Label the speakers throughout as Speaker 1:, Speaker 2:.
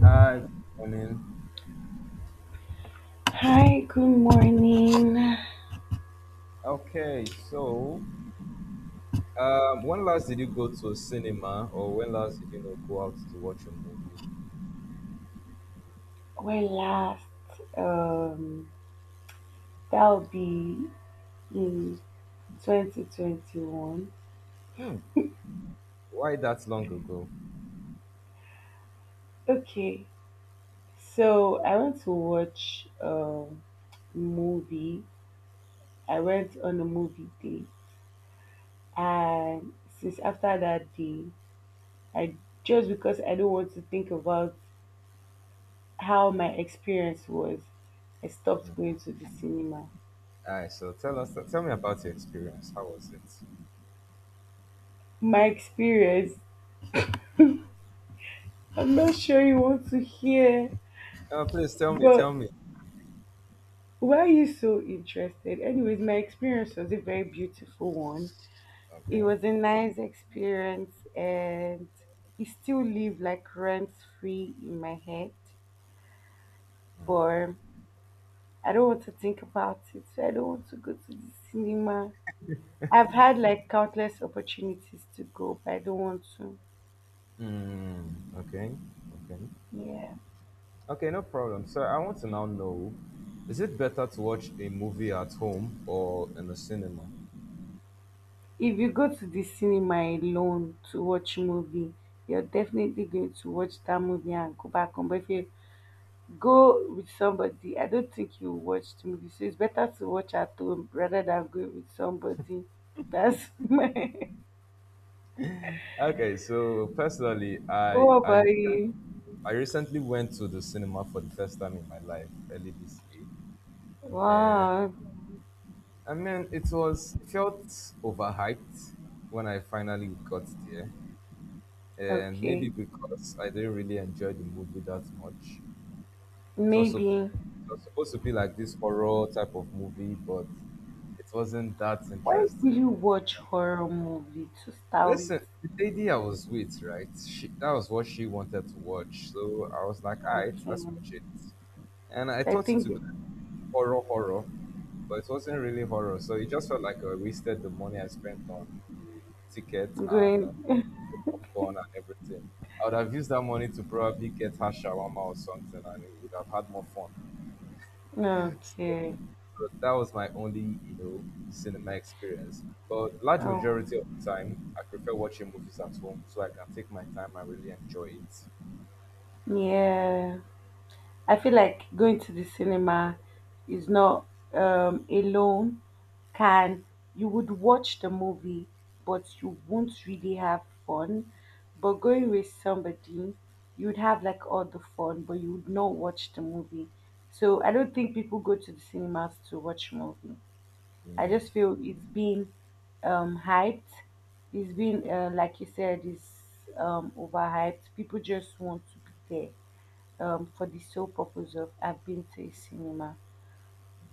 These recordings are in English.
Speaker 1: Hi, good morning.
Speaker 2: Hi, good morning.
Speaker 1: Okay, so when last did you go to a cinema, or when last did you know go out to watch a movie?
Speaker 2: Where last? Um, That'll be in 2021.
Speaker 1: Hmm, why that long ago?
Speaker 2: Okay, so I went to watch a movie. I went on a movie day, and since after that day, I just because I don't want to think about how my experience was, I stopped going to the cinema.
Speaker 1: All right, so tell me about your experience. How was it?
Speaker 2: My experience, I'm not sure you want to hear,
Speaker 1: Please tell me,
Speaker 2: but
Speaker 1: tell me.
Speaker 2: why are you so interested? Anyways, my experience was a very beautiful one. It
Speaker 1: Okay.
Speaker 2: was a nice experience and it still live like rent free in my head. But I don't want to think about it. So I don't want to go to the cinema. I've had like countless opportunities to go, but I don't want to.
Speaker 1: Hmm. Okay. Okay.
Speaker 2: Yeah.
Speaker 1: Okay. No problem. So I want to now know: Is it better to watch a movie at home or in the cinema?
Speaker 2: If you go to the cinema alone to watch movie, you're definitely going to watch that movie and go back home. But if you're go with somebody. I don't think you watch the movie, so it's better to watch at home rather than go with somebody. That's my.
Speaker 1: Okay, so personally,
Speaker 2: What about you?
Speaker 1: I recently went to the cinema for the first time in my life early this year. And
Speaker 2: Wow.
Speaker 1: I mean, it felt overhyped when I finally got there. And
Speaker 2: Okay.
Speaker 1: maybe because I didn't really enjoy the movie that much.
Speaker 2: Maybe.
Speaker 1: It was supposed to be like this horror type of movie, but it wasn't that
Speaker 2: Why will
Speaker 1: interesting.
Speaker 2: you watch horror movie to start with?
Speaker 1: Listen, the lady I was with, right? That was what she wanted to watch. So I was like, all right, let's
Speaker 2: Okay.
Speaker 1: watch it. And I
Speaker 2: I
Speaker 1: thought it
Speaker 2: think
Speaker 1: would be like horror, but it wasn't really horror. So it just felt like I wasted the money I spent on the ticket and
Speaker 2: going.
Speaker 1: the popcorn and everything. I would have used that money to probably get her shawarma or something, and it would have had more fun. So,
Speaker 2: Okay.
Speaker 1: so that was my only, cinema experience. But large
Speaker 2: Oh,
Speaker 1: majority of the time, I prefer watching movies at home, so I can take my time and really enjoy it.
Speaker 2: yeah. I feel like going to the cinema is not, alone, can, you would watch the movie but you won't really have fun. But going with somebody, you would have like all the fun, but you would not watch the movie. So I don't think people go to the cinemas to watch movie. I
Speaker 1: Mm.
Speaker 2: just feel it's being hyped. It's been, like you said, it's overhyped. People just want to be there for the sole purpose of I've been to a cinema.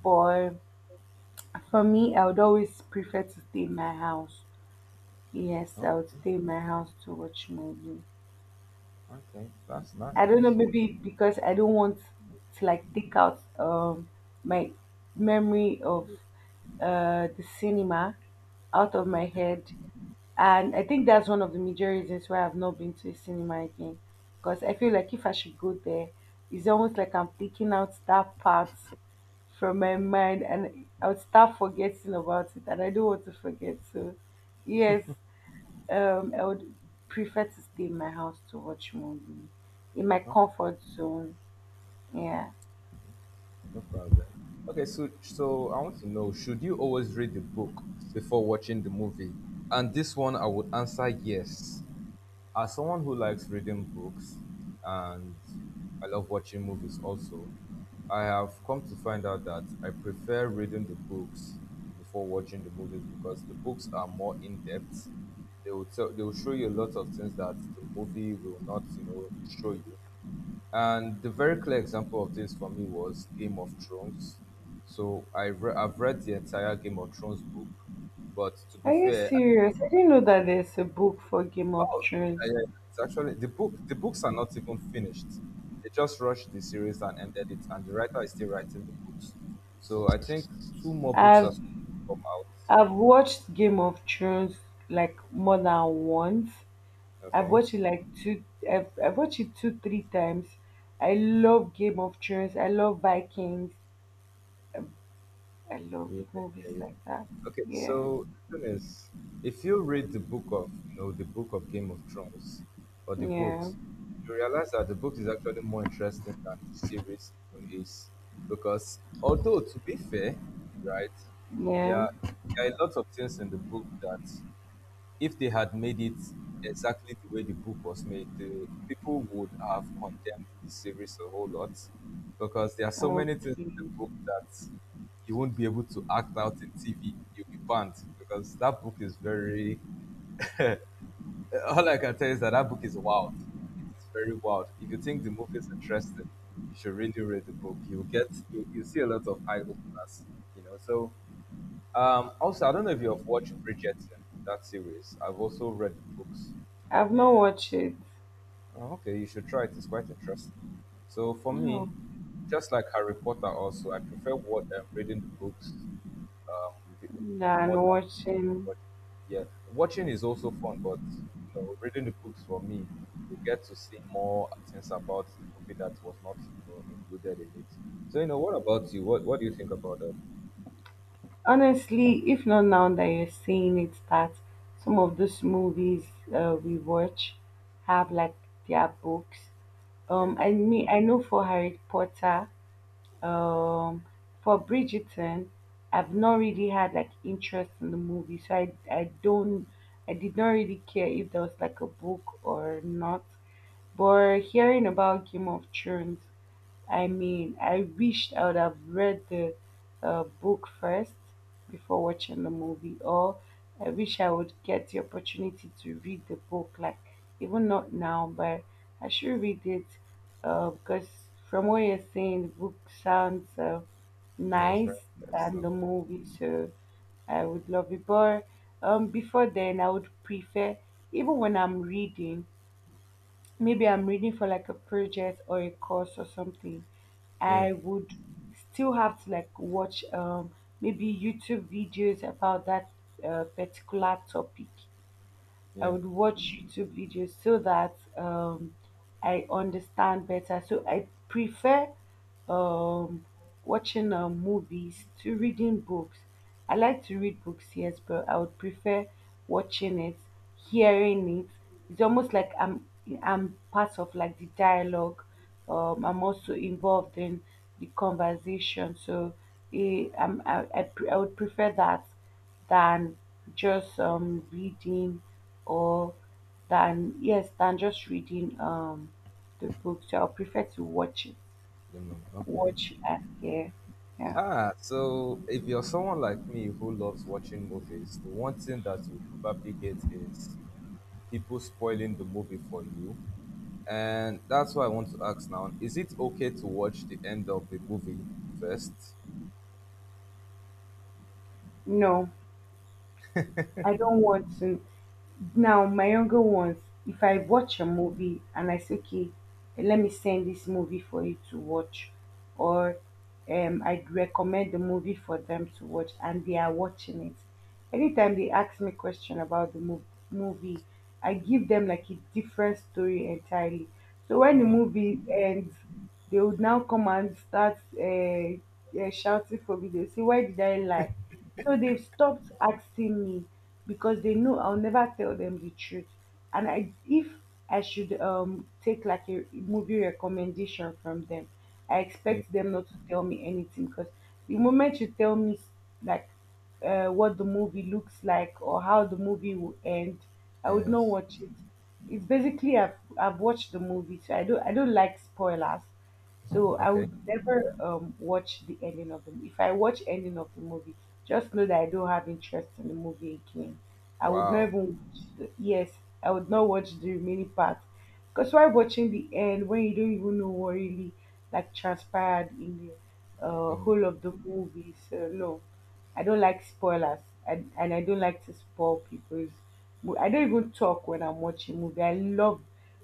Speaker 2: But for me, I would always prefer to stay in my house. Yes,
Speaker 1: Okay,
Speaker 2: I would stay in my house to watch movie.
Speaker 1: okay, that's
Speaker 2: I don't know,
Speaker 1: nice.
Speaker 2: maybe because I don't want to like take out my memory of the cinema out of my
Speaker 1: Okay,
Speaker 2: head. And I think that's one of the major reasons why I've not been to a cinema again. Because I feel like if I should go there, it's almost like I'm taking out that part from my mind and I'll start forgetting about it and I don't want to forget. So yes, I would prefer to stay in my house to watch movie. In my
Speaker 1: okay.
Speaker 2: comfort zone. Yeah.
Speaker 1: No problem. Okay, so I want to know: Should you always read the book before watching the movie? And this one, I would answer yes. As someone who likes reading books, and I love watching movies also, I have come to find out that I prefer reading the books before watching the movies because the books are more in depth. They will show you a lot of things that the movie will not, show you. And the very clear example of this for me was Game of Thrones. So I've read the entire Game of Thrones book, but to
Speaker 2: Are
Speaker 1: be
Speaker 2: you
Speaker 1: fair,
Speaker 2: serious? I didn't know that there's a book for Game
Speaker 1: I,
Speaker 2: of
Speaker 1: oh
Speaker 2: Thrones.
Speaker 1: yeah, it's actually the book. The books are not even finished. They just rushed the series and ended it, and the writer is still writing the books. So I think two more books are
Speaker 2: I've
Speaker 1: supposed to come out.
Speaker 2: I've watched Game of Thrones like more than once. I've
Speaker 1: Okay.
Speaker 2: watched it like two I've watched it two, three times. I love Game of Thrones. I love Vikings. I love movies like
Speaker 1: Yeah.
Speaker 2: that.
Speaker 1: Okay,
Speaker 2: Yeah,
Speaker 1: so the thing is, if you read the book of the book of Game of Thrones or the
Speaker 2: yeah,
Speaker 1: books, you realize that the book is actually more interesting than the series even is because although to be fair, right, there
Speaker 2: yeah.
Speaker 1: are, there are a lot of things in the book that if they had made it exactly the way the book was made, the people would have condemned the series a whole lot because there are so many things
Speaker 2: Okay.
Speaker 1: in the book that you won't be able to act out in TV. You'll be banned because that book is very. All I can tell you is that that book is wild. It is very wild. If you think the movie is interesting, you should really read the book. You'll get you you see a lot of eye openers. You know. So also, I don't know if you have watched Bridgerton, that series. I've also read the books.
Speaker 2: I've not
Speaker 1: And
Speaker 2: watched it.
Speaker 1: oh, okay, you should try it. It's quite interesting. So for
Speaker 2: No,
Speaker 1: me, just like Harry Potter, also I prefer what reading the books um, be-
Speaker 2: than
Speaker 1: more than watching.
Speaker 2: watching.
Speaker 1: Yeah, watching is also fun, but you know, reading the books for me, you get to see more things about the movie that was not included in it. So you know, what about you? What do you think about that?
Speaker 2: Honestly, if not now that you're seeing it, that some of those movies we watch have like their books.
Speaker 1: Yeah.
Speaker 2: I mean, I know for Harry Potter. Um, for Bridgerton, I've not really had like interest in the movie, so I don't, I did not really care if there was like a book or not. But hearing about Game of Thrones, I mean, I wished I would have read the book first before watching the movie, or I wish I would get the opportunity to read the book, like even not now, but I should read it, because from what you're saying, the book sounds
Speaker 1: Yeah, it's very
Speaker 2: nice than the
Speaker 1: interesting.
Speaker 2: movie, so I would love it. But before then, I would prefer, even when I'm reading, maybe I'm reading for like a project or a course or something,
Speaker 1: Yeah,
Speaker 2: I would still have to like watch maybe YouTube videos about that particular topic. I
Speaker 1: yeah.
Speaker 2: would watch YouTube videos so that I understand better. So I prefer um, watching movies to reading books. I like to read books, yes, but I would prefer watching it, hearing it. It's almost like I'm part of like the dialogue. I'm also involved in the conversation, so I would prefer that than just reading, or than just reading the book, so I prefer to watch it,
Speaker 1: Lemon. Okay.
Speaker 2: watch and hear, yeah.
Speaker 1: Ah, so if you're someone like me who loves watching movies, the one thing that you probably hate is people spoiling the movie for you. And that's why I want to ask now, is it okay to watch the end of the movie first?
Speaker 2: No, I don't want to. Now, my younger ones, if I watch a movie and I say, okay, let me send this movie for you to watch, or I'd recommend the movie for them to watch, and they are watching it. Anytime they ask me question about the movie, I give them like a different story entirely. So when the
Speaker 1: Hmm.
Speaker 2: movie ends, they would now come and start shouting for me. They say, "Why did I lie? So they've stopped asking me because they know I'll never tell them the truth. And if I should take like a movie recommendation from them, I
Speaker 1: Ye-
Speaker 2: expect them not to tell me anything because the moment you tell me like what the movie looks like or how the movie will end, I would not
Speaker 1: Yes.
Speaker 2: watch it. It's basically I've, watched the movie, so I don't like spoilers. So I
Speaker 1: Okay.
Speaker 2: would never watch the ending of the movie. If I watch ending of the movie, just know that I don't have interest in the movie again. I would not
Speaker 1: Wow.
Speaker 2: even watch the, yes, I would not watch the remaining part. Because why watching the end when you don't even know what really like transpired in the
Speaker 1: Hmm.
Speaker 2: whole of the movie? So no, I don't like spoilers, and I don't like to spoil people's. I don't even talk when I'm watching movie. I love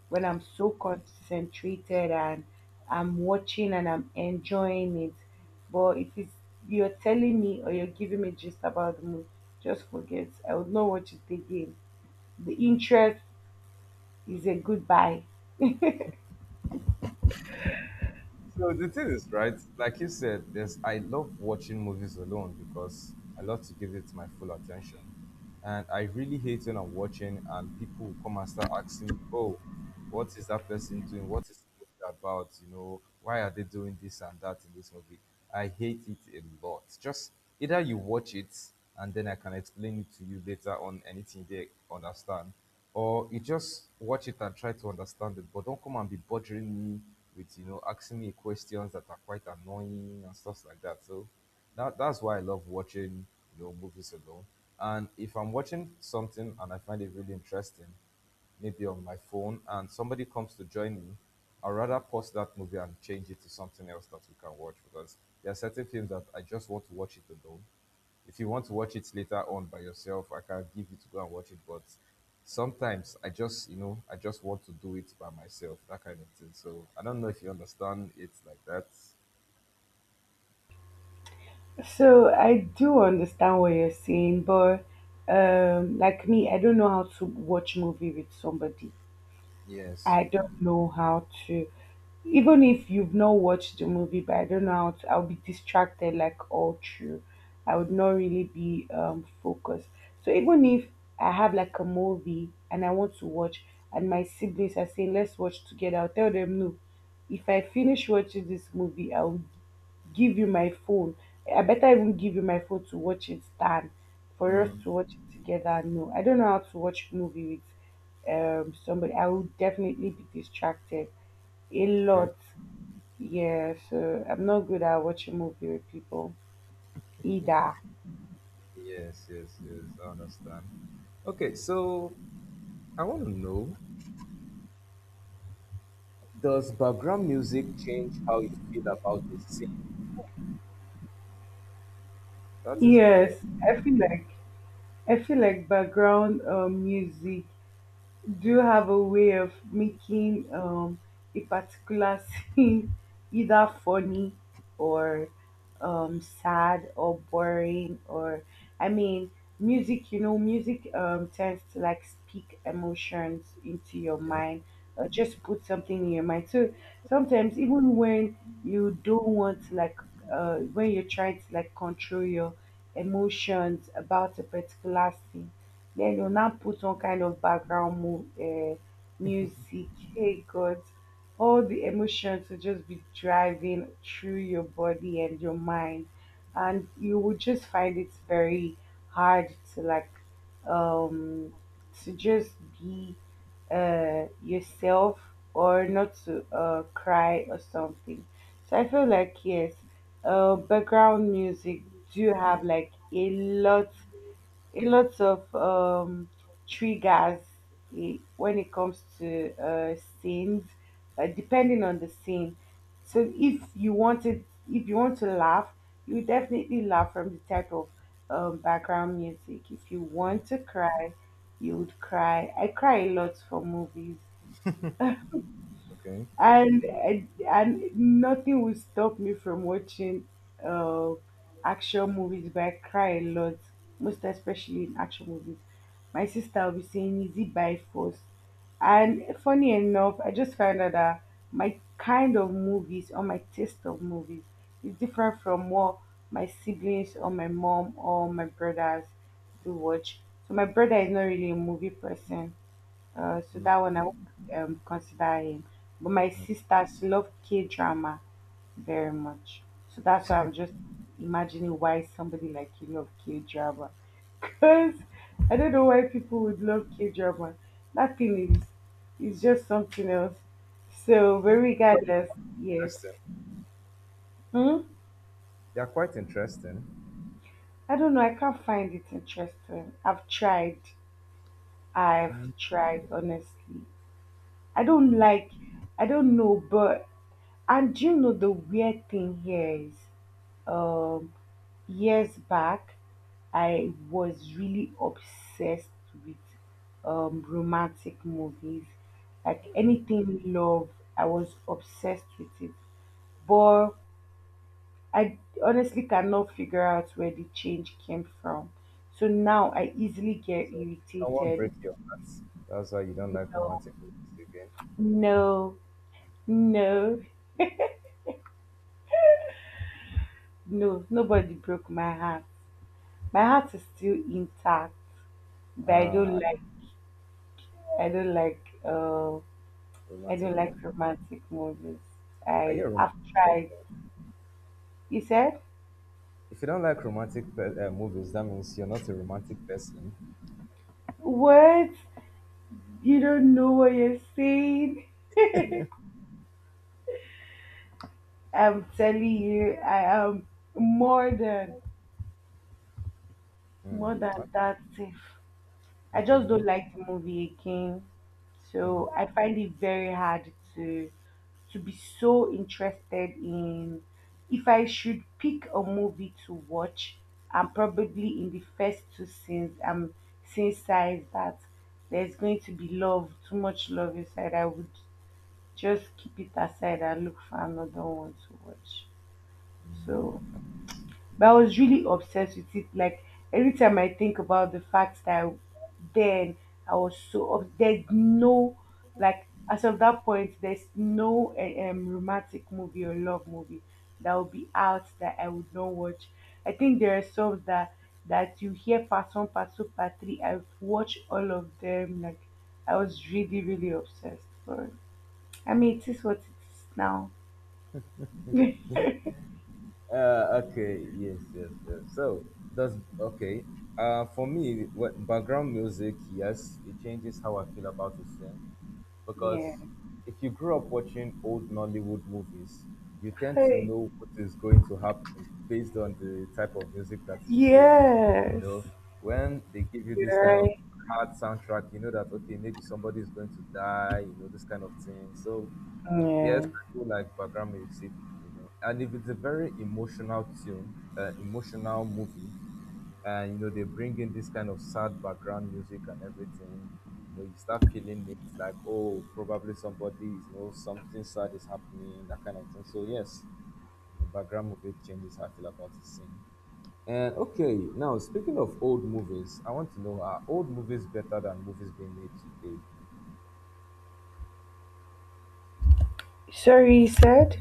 Speaker 2: when I'm so concentrated and I'm watching and I'm enjoying it. But if it's you're telling me or you're giving me gist about the movie, just forget. I would not watch it again. The interest is a goodbye.
Speaker 1: So the thing is, right? Like you said, there's I love watching movies alone because I love to give it my full attention, and I really hate when I'm watching and people will come and start asking me, "Oh, what is that person doing? What is the movie about? You know, why are they doing this and that in this movie?" I hate it a lot. Just either you watch it and then I can explain it to you later on anything they understand, or you just watch it and try to understand it, but don't come and be bothering me with asking me questions that are quite annoying and stuff like that. So that's why I love watching movies alone. And if I'm watching something and I find it really interesting, maybe on my phone and somebody comes to join me, I'd rather pause that movie and change it to something else that we can watch because there are certain films that I just want to watch it alone. If you want to watch it later on by yourself, I can give you to go and watch it. But sometimes I just, you know, I just want to do it by myself, that kind of thing. So I don't know if you understand it like that.
Speaker 2: So I do understand what you're saying, but like me, I don't know how to watch movie with somebody.
Speaker 1: Yes.
Speaker 2: I don't know how to. Even if you've not watched the movie, but I don't know how to, I'll be distracted like all through. I would not really be focused. So even if I have like a movie and I want to watch, and my siblings are saying let's watch together, I'll tell them no. If I finish watching this movie, I'll give you my phone. I better even give you my phone to watch it than for us to watch it together. No, I don't know how to watch movie with somebody. I would definitely be distracted a
Speaker 1: Okay.
Speaker 2: lot, yeah, so I'm not good at watching movie with people either.
Speaker 1: Yes. I understand. Okay, so I want to know. Does background music change how you feel about a scene? That is
Speaker 2: Yes, I feel like, background music, do you have a way of making a particular scene either funny or sad or boring or I mean music, you know music tends to like speak emotions into your
Speaker 1: okay.
Speaker 2: mind or just put something in your mind, so sometimes even when you don't want to like, when you're trying to like control your emotions about a particular scene, then they'll now put on kind of background music. Hey God, all the emotions will just be driving through your body and your mind, and you will just find it very hard to like, um to just be yourself or not to cry or something. So I feel like yes, background music do have like a lot, a lot of triggers when it comes to scenes, depending on the scene. So if you wanted, if you want to laugh, you will definitely laugh from the type of background music. If you want to cry, you would cry. I cry a lot for movies,
Speaker 1: Okay. Okay.
Speaker 2: and, nothing will stop me from watching uh, action movies, but I cry a lot, most especially in action movies. My sister will be saying is it by force, and funny enough I just found out that my kind of movies or my taste of movies is different from what my siblings or my mom or my brothers do watch. So my brother is not really a movie person, so that one I won't consider him. But my sisters love K drama very much. So that's why I'm just imagining why somebody like you love K drama. Because I don't know why people would love K drama. That thing is, just something else. So but
Speaker 1: No, no, quite
Speaker 2: regardless, yeah.
Speaker 1: interesting.
Speaker 2: Hmm?
Speaker 1: They are quite interesting.
Speaker 2: I don't know, I can't find it interesting. I've tried. I've tried honestly. I don't like I don't know, but and do you know the weird thing here is, um, years back, I was really obsessed with romantic movies. Like
Speaker 1: Okay.
Speaker 2: anything love, I was obsessed with it. But I honestly cannot figure out where the change came from. So now I easily get
Speaker 1: So did someone
Speaker 2: irritated.
Speaker 1: break your heart? That's why you don't
Speaker 2: You
Speaker 1: like
Speaker 2: know,
Speaker 1: romantic movies again.
Speaker 2: no, no, no, nobody broke my heart. My heart is still intact. But
Speaker 1: Ah,
Speaker 2: I don't like uh, I don't
Speaker 1: romantic
Speaker 2: like
Speaker 1: movie.
Speaker 2: romantic movies.
Speaker 1: Are you
Speaker 2: I
Speaker 1: a romantic
Speaker 2: I've tried.
Speaker 1: person?
Speaker 2: You said
Speaker 1: If you don't like movies, that means you're not a romantic person.
Speaker 2: what? You don't know what you're saying. I'm telling you, I am more than
Speaker 1: Hmm.
Speaker 2: more than
Speaker 1: Okay.
Speaker 2: that. Safe. I
Speaker 1: Okay.
Speaker 2: just don't
Speaker 1: No.
Speaker 2: like the movie again. So I find it very hard to be so interested in if I should pick a movie to watch, I'm probably in the first two scenes I'm sensitized that there's going to be love, too much love inside. I would just keep it aside and look for another one to watch. So but I was really obsessed with it. Like every time I think about the fact that then I was so there's no, like, as of that point there's no romantic movie or love movie that will be out that I would not watch. I think there are some that you hear part one, part two, part three. I've watched all of them. Like I was really obsessed. But I mean it is what it is now.
Speaker 1: Okay, yes. So does okay. For me, what background music? Yes, it changes how I feel about a scene
Speaker 2: Yeah.
Speaker 1: because if you grew up watching old Nollywood movies, you tend to
Speaker 2: Hey.
Speaker 1: know what is going to happen based on the type of music that is playing. You
Speaker 2: Yes.
Speaker 1: know, when they give you this
Speaker 2: You're
Speaker 1: kind of
Speaker 2: right.
Speaker 1: hard soundtrack, you know that okay, maybe somebody is going to die. You know, this kind of thing. So yes,
Speaker 2: Yeah.
Speaker 1: I feel like background music, you know, and if it's a very emotional emotional movie, and you know they bring in this kind of sad background music and everything, you know you start feeling it's like oh probably somebody is you know something sad is happening, that kind of thing. So yes, you know, background music changes how I feel about the scene. And okay, now speaking of old movies, I want to know, are old movies better than movies being made today?
Speaker 2: Sorry, he said.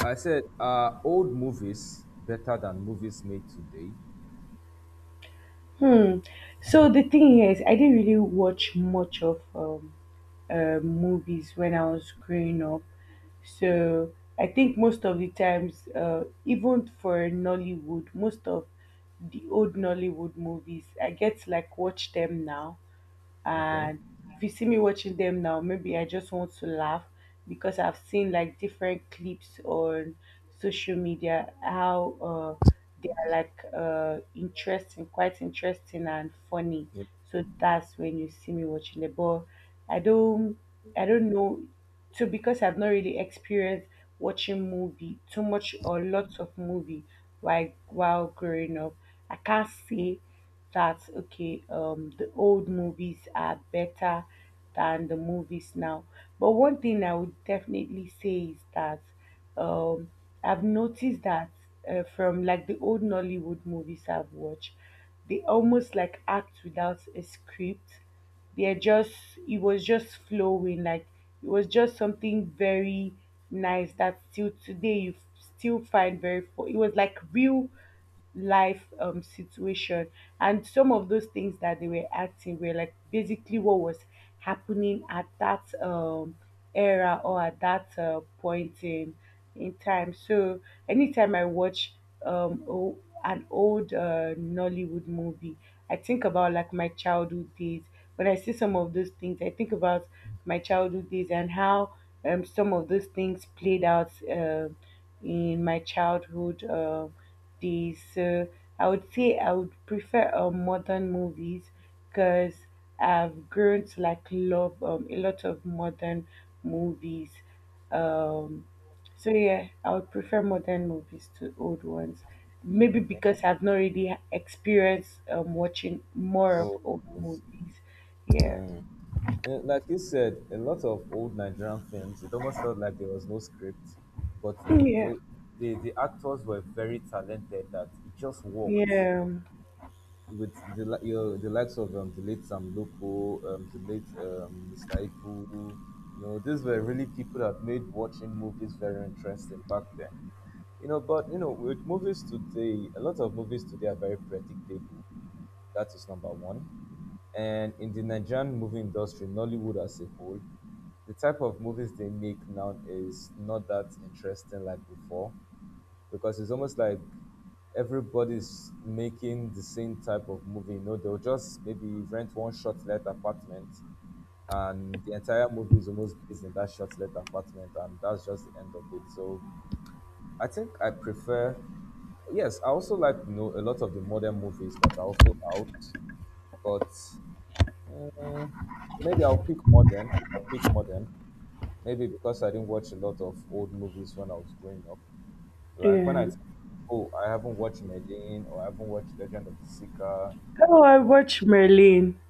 Speaker 1: I said, are old movies better than movies made today?
Speaker 2: Hmm. So the thing here is, I didn't really watch much of movies when I was growing up. So I think most of the times, even for Nollywood, most of the old Nollywood movies, I get to like watch them now.
Speaker 1: Okay.
Speaker 2: And if you see me watching them now maybe I just want to laugh because I've seen like different clips on social media how they are like interesting, quite interesting and funny.
Speaker 1: Yeah.
Speaker 2: So that's when you see me watching them. But i don't I don't know. So because I've not really experienced watching movie too much or lots of movie while growing up, I can't say that, okay, um, the old movies are better than the movies now. But one thing I would definitely say is that, um, I've noticed that, from like the old Nollywood movies I've watched, they almost like act without a script. They're just It was just flowing, like it was just something very nice that still today you still find very it was like real life, situation. And some of those things that they were acting were like basically what was happening at that, era or at that, point in time. So anytime I watch, um, an old, Nollywood movie, I think about like my childhood days. When I see some of those things, I think about my childhood days and how, some of those things played out, um, in my childhood, um, days. So I would say I would prefer, modern movies because I've grown to like love, a lot of modern movies. Um, so yeah, I would prefer modern movies to old ones. Maybe
Speaker 1: Okay.
Speaker 2: because I've not really experienced, watching more of
Speaker 1: Oh
Speaker 2: old
Speaker 1: yes.
Speaker 2: movies. Yeah.
Speaker 1: Like you said, a lot of old Nigerian films, it almost felt like there was no script, but they, you
Speaker 2: Yeah.
Speaker 1: know, the actors were very talented that it just worked
Speaker 2: Yeah.
Speaker 1: with the li- your the likes of the late Sam Loco, the late Mr. Ibu. You know, these were really people that made watching movies very interesting back then. You know, but you know, with movies today, a lot of movies today are very predictable, that is number one. And in the Nigerian movie industry, Nollywood as a whole, the type of movies they make now is not that interesting like before because it's almost like everybody's making the same type of movie. You know, they'll just maybe rent one short let apartment and the entire movie is almost based in that short let apartment and that's just the end of it. So I think I prefer yes, I also like you know a lot of the modern movies that are also out, but maybe I'll pick modern. I'll pick modern. Maybe because I didn't watch a lot of old movies when I was growing up. Like when
Speaker 2: Yeah.
Speaker 1: think, oh, I haven't watched Merlin or I haven't watched Legend of the Seeker,
Speaker 2: Oh, I watched Merlin,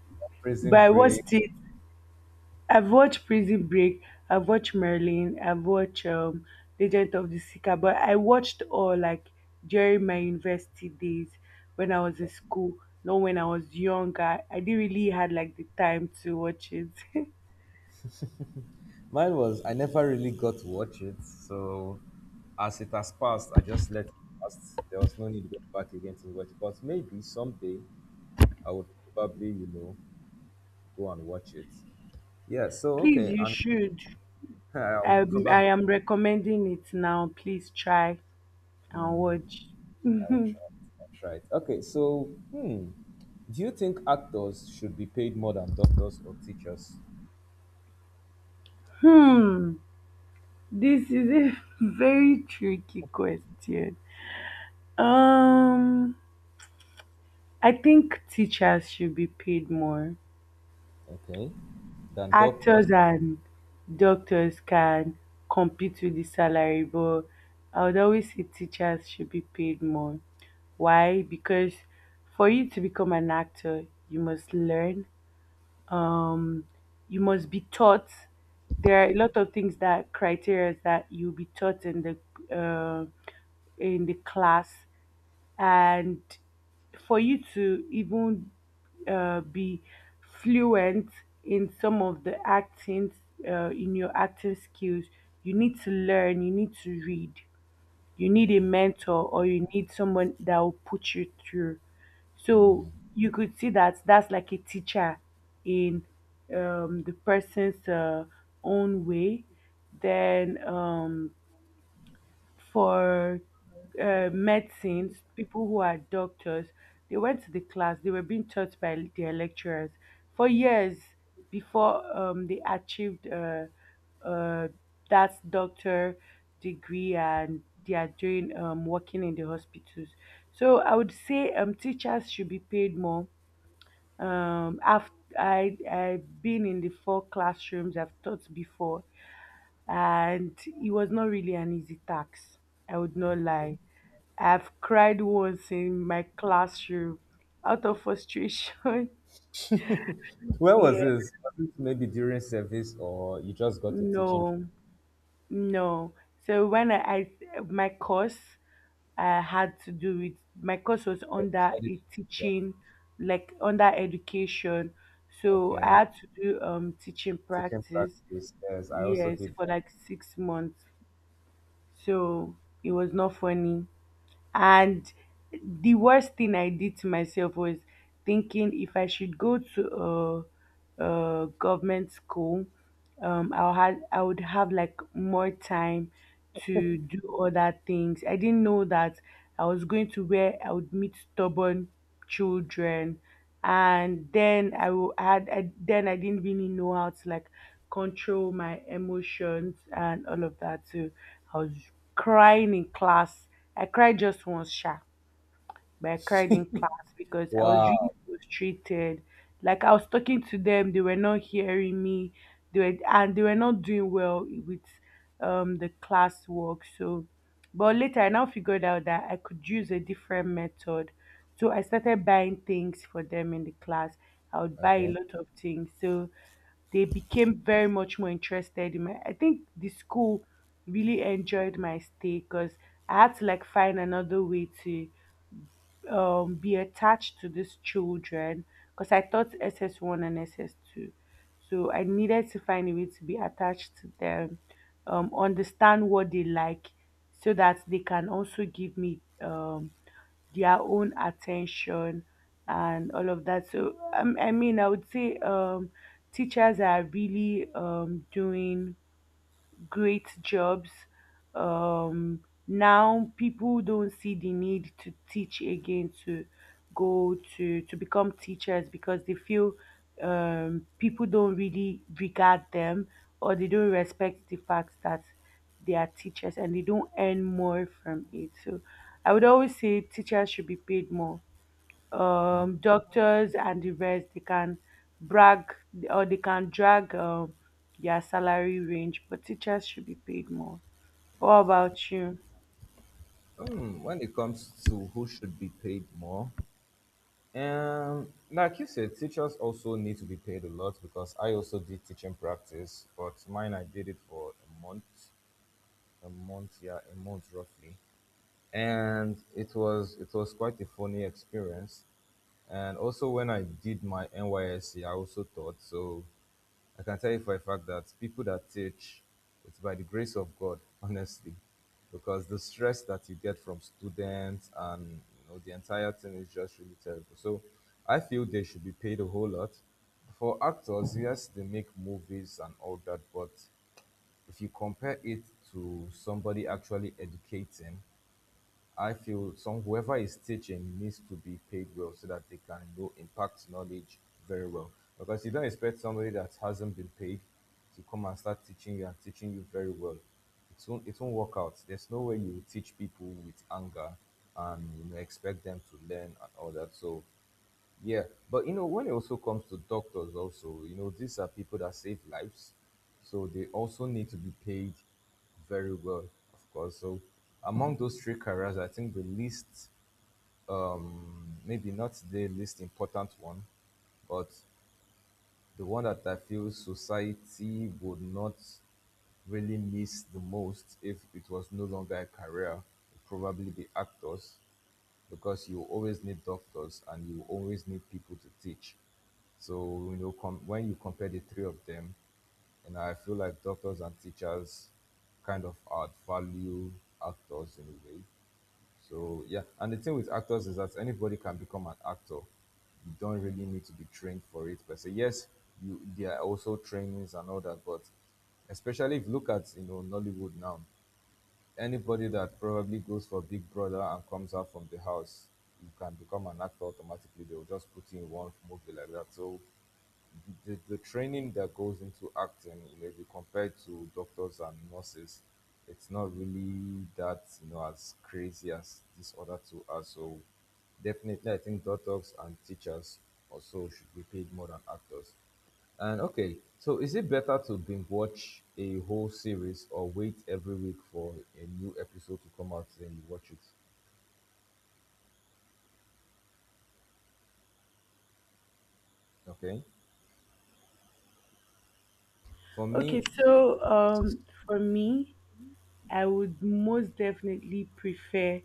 Speaker 2: but
Speaker 1: Prison
Speaker 2: I
Speaker 1: Break.
Speaker 2: watched it. I've watched Prison Break. I've watched Merlin. I've watched, Legend of the Seeker. But I watched all like during my university days when I was in
Speaker 1: Okay.
Speaker 2: school, not when I was younger. I didn't really had like the time to watch it.
Speaker 1: Mine was I never really got to watch it, so as it has passed, I just let it pass. There was no need to go back again to watch it. But maybe someday I would probably, you know, go and watch it. Yeah. So
Speaker 2: Please,
Speaker 1: okay,
Speaker 2: you
Speaker 1: and
Speaker 2: should.
Speaker 1: I'll
Speaker 2: I,
Speaker 1: probably
Speaker 2: I am recommending it now. Please try and watch.
Speaker 1: I'll try. I'll try it. Okay, so hmm, do you think actors should be paid more than doctors or teachers?
Speaker 2: Hmm. This is a very tricky question. Um, I think teachers should be paid more.
Speaker 1: Okay, than doctors.
Speaker 2: Actors and doctors can compete with the salary, but I would always say teachers should be paid more. Why? Because for you to become an actor, you must learn um you must be taught. There are a lot of things that criteria that you'll be taught in the, in the class. And for you to even, be fluent in some of the acting, in your acting skills, you need to learn you need to read. You need a mentor or you need someone that will put you through. So you could see that that's like a teacher in, the person's, own way. Then, for, medicines, people who are doctors, they went to the class, they were being taught by their lecturers for years before, they achieved, uh, that doctor degree and they are doing, working in the hospitals. So I would say, teachers should be paid more. Um, I've, I've been in the four classrooms, I've taught before and it was not really an easy task. I would not lie. I've cried once in my classroom out of frustration.
Speaker 1: Where was
Speaker 2: Yeah,
Speaker 1: this? Was it maybe during service, or you just got a teaching job?
Speaker 2: no, no. So I my course, I had to do it. My course was
Speaker 1: Oh, you
Speaker 2: under
Speaker 1: studied a
Speaker 2: a
Speaker 1: teaching job.
Speaker 2: teaching, like under education. So I
Speaker 1: Okay,
Speaker 2: had to do, um, teaching
Speaker 1: teaching
Speaker 2: practice.
Speaker 1: practice. Yes, I also
Speaker 2: Yes,
Speaker 1: did
Speaker 2: for
Speaker 1: that.
Speaker 2: like 6 months. So it was not funny. And the worst thing I did to myself was thinking if I should go to a government school, I would have like more time to do other things. I didn't know that I was going to where I would meet stubborn children, and then I will had I, then I didn't really know how to like control my emotions and all of that. So I was crying in class. I cried just once, sha, but I cried in class because I was really
Speaker 1: Wow.
Speaker 2: frustrated. Like I was talking to them, they were not hearing me. They were not doing well with, um, the classwork. So, but later I now figured out that I could use a different method. So I started buying things for them in the class. I would buy a
Speaker 1: Okay.
Speaker 2: lot of things. So they became very much more interested in my. I think the school really enjoyed my stay because I had to like find another way to, be attached to these children because I taught SS1 and SS2. So I needed to find a way to be attached to them, understand what they like so that they can also give me, their own attention and all of that. So, I mean, I would say, teachers are really, doing great jobs. Um, now people don't see the need to teach again to go to become teachers because they feel, people don't really regard them or they don't respect the fact that they are teachers and they don't earn more from it. So I would always say teachers should be paid more. Um, doctors and the rest they can brag or they can drag, their salary range, but teachers should be paid more. What about you?
Speaker 1: When it comes to who should be paid more, like you said, teachers also need to be paid a lot because I also did teaching practice, but mine I did it for a month, a month roughly and it was quite a funny experience. And also when I did my NYSC, I also taught. So I can tell you for a fact that people that teach, it's by the grace of God, honestly, because the stress that you get from students and you know the entire thing is just really terrible. So I feel they should be paid a whole lot. For actors, yes, they make movies and all that, but if you compare it to somebody actually educating, I feel some whoever is teaching needs to be paid well so that they can know impact knowledge very well. Because you don't expect somebody that hasn't been paid to come and start teaching you and teaching you very well. It won't work out. There's no way you teach people with anger and you know, expect them to learn and all that. So yeah, but you know, when it also comes to doctors, also, you know, these are people that save lives, so they also need to be paid very well, of course. So, among those three careers, I think the least, maybe not the least important one, but the one that I feel society would not really miss the most if it was no longer a career would probably be actors because you always need doctors and you always need people to teach. So you know, when you compare the three of them, and I feel like doctors and teachers kind of outvalue actors in a way. So yeah, and the thing with actors is that anybody can become an actor. You don't really need to be trained for it per se. Yes, you there are also trainings and all that, but especially if you look at you know Nollywood now. Anybody that probably goes for Big Brother and comes out from the house, you can become an actor automatically. They'll just put you in one movie like that. So the training that goes into acting, you know, if you compare to doctors and nurses, it's not really that, you know, as crazy as these other two are. So definitely I think doctors and teachers also should be paid more than actors. And okay, so is it better to binge watch a whole series or wait every week for a new episode to come out and you watch it? Okay. For
Speaker 2: Okay,
Speaker 1: me,
Speaker 2: so, for me, I would most definitely prefer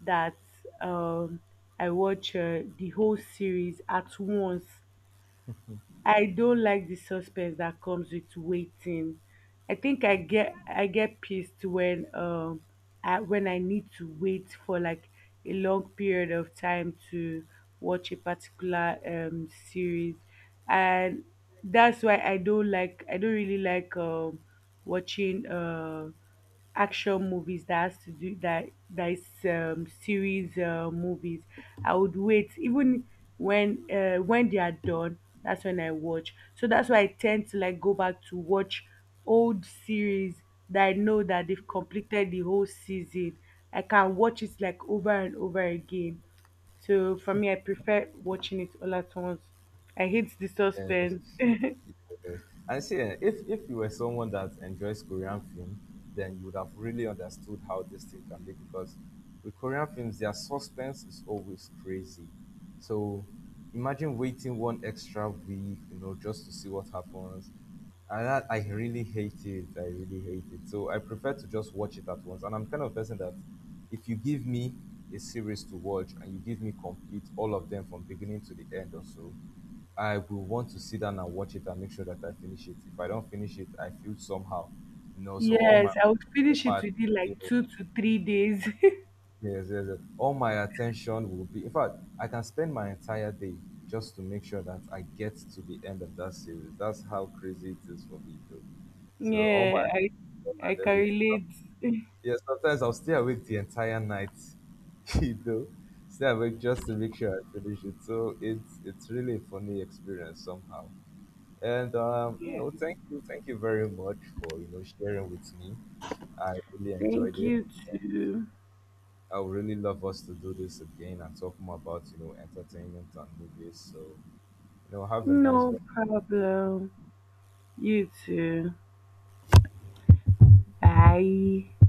Speaker 2: that, um, I watch, the whole series at once. I don't like the suspense that comes with waiting. I think I get pissed when, um, when I need to wait for like a long period of time to watch a particular, um, series, and that's why I don't like I don't really like, um, watching, uh, action movies that has to do that is, series, movies. I would wait even when, when they are done, that's when I watch. So that's why I tend to like go back to watch old series that I know that they've completed the whole season. I can watch it like over and over again. So for me, I prefer watching it all at once. I hate the suspense.
Speaker 1: yes. And see, eh, if you were someone that enjoys Korean film, then you would have really understood how this thing can be because with Korean films, their suspense is always crazy. So imagine waiting one extra week, you know, just to see what happens. And that, I really hate it. I really hate it. So I prefer to just watch it at once. And I'm kind of person that if you give me a series to watch and you give me complete all of them from beginning to the end or so, I will want to sit down and watch it and make sure that I finish it. If I don't finish it, I feel somehow. You know, so
Speaker 2: Yes, I would
Speaker 1: all
Speaker 2: finish it
Speaker 1: my
Speaker 2: within
Speaker 1: yeah,
Speaker 2: like 2 to 3 days.
Speaker 1: yes, yes, yes. All my attention will be in fact, I can spend my entire day just to make sure that I get to the end of that series. That's how crazy it is for me though. So all my
Speaker 2: Yeah,
Speaker 1: phone
Speaker 2: I
Speaker 1: and
Speaker 2: can
Speaker 1: everything.
Speaker 2: relate.
Speaker 1: Yeah, sometimes I'll stay awake the entire night, you know, stay awake just to make sure I finish it. So it's really a funny experience somehow. And you
Speaker 2: Yeah.
Speaker 1: know, thank you very much for you know sharing with me. I really enjoyed
Speaker 2: Thank
Speaker 1: it.
Speaker 2: you too.
Speaker 1: I would really love us to do this again and talk more about you know entertainment and movies. So you know, have a nice rest
Speaker 2: No
Speaker 1: of your day.
Speaker 2: problem. You too. Bye.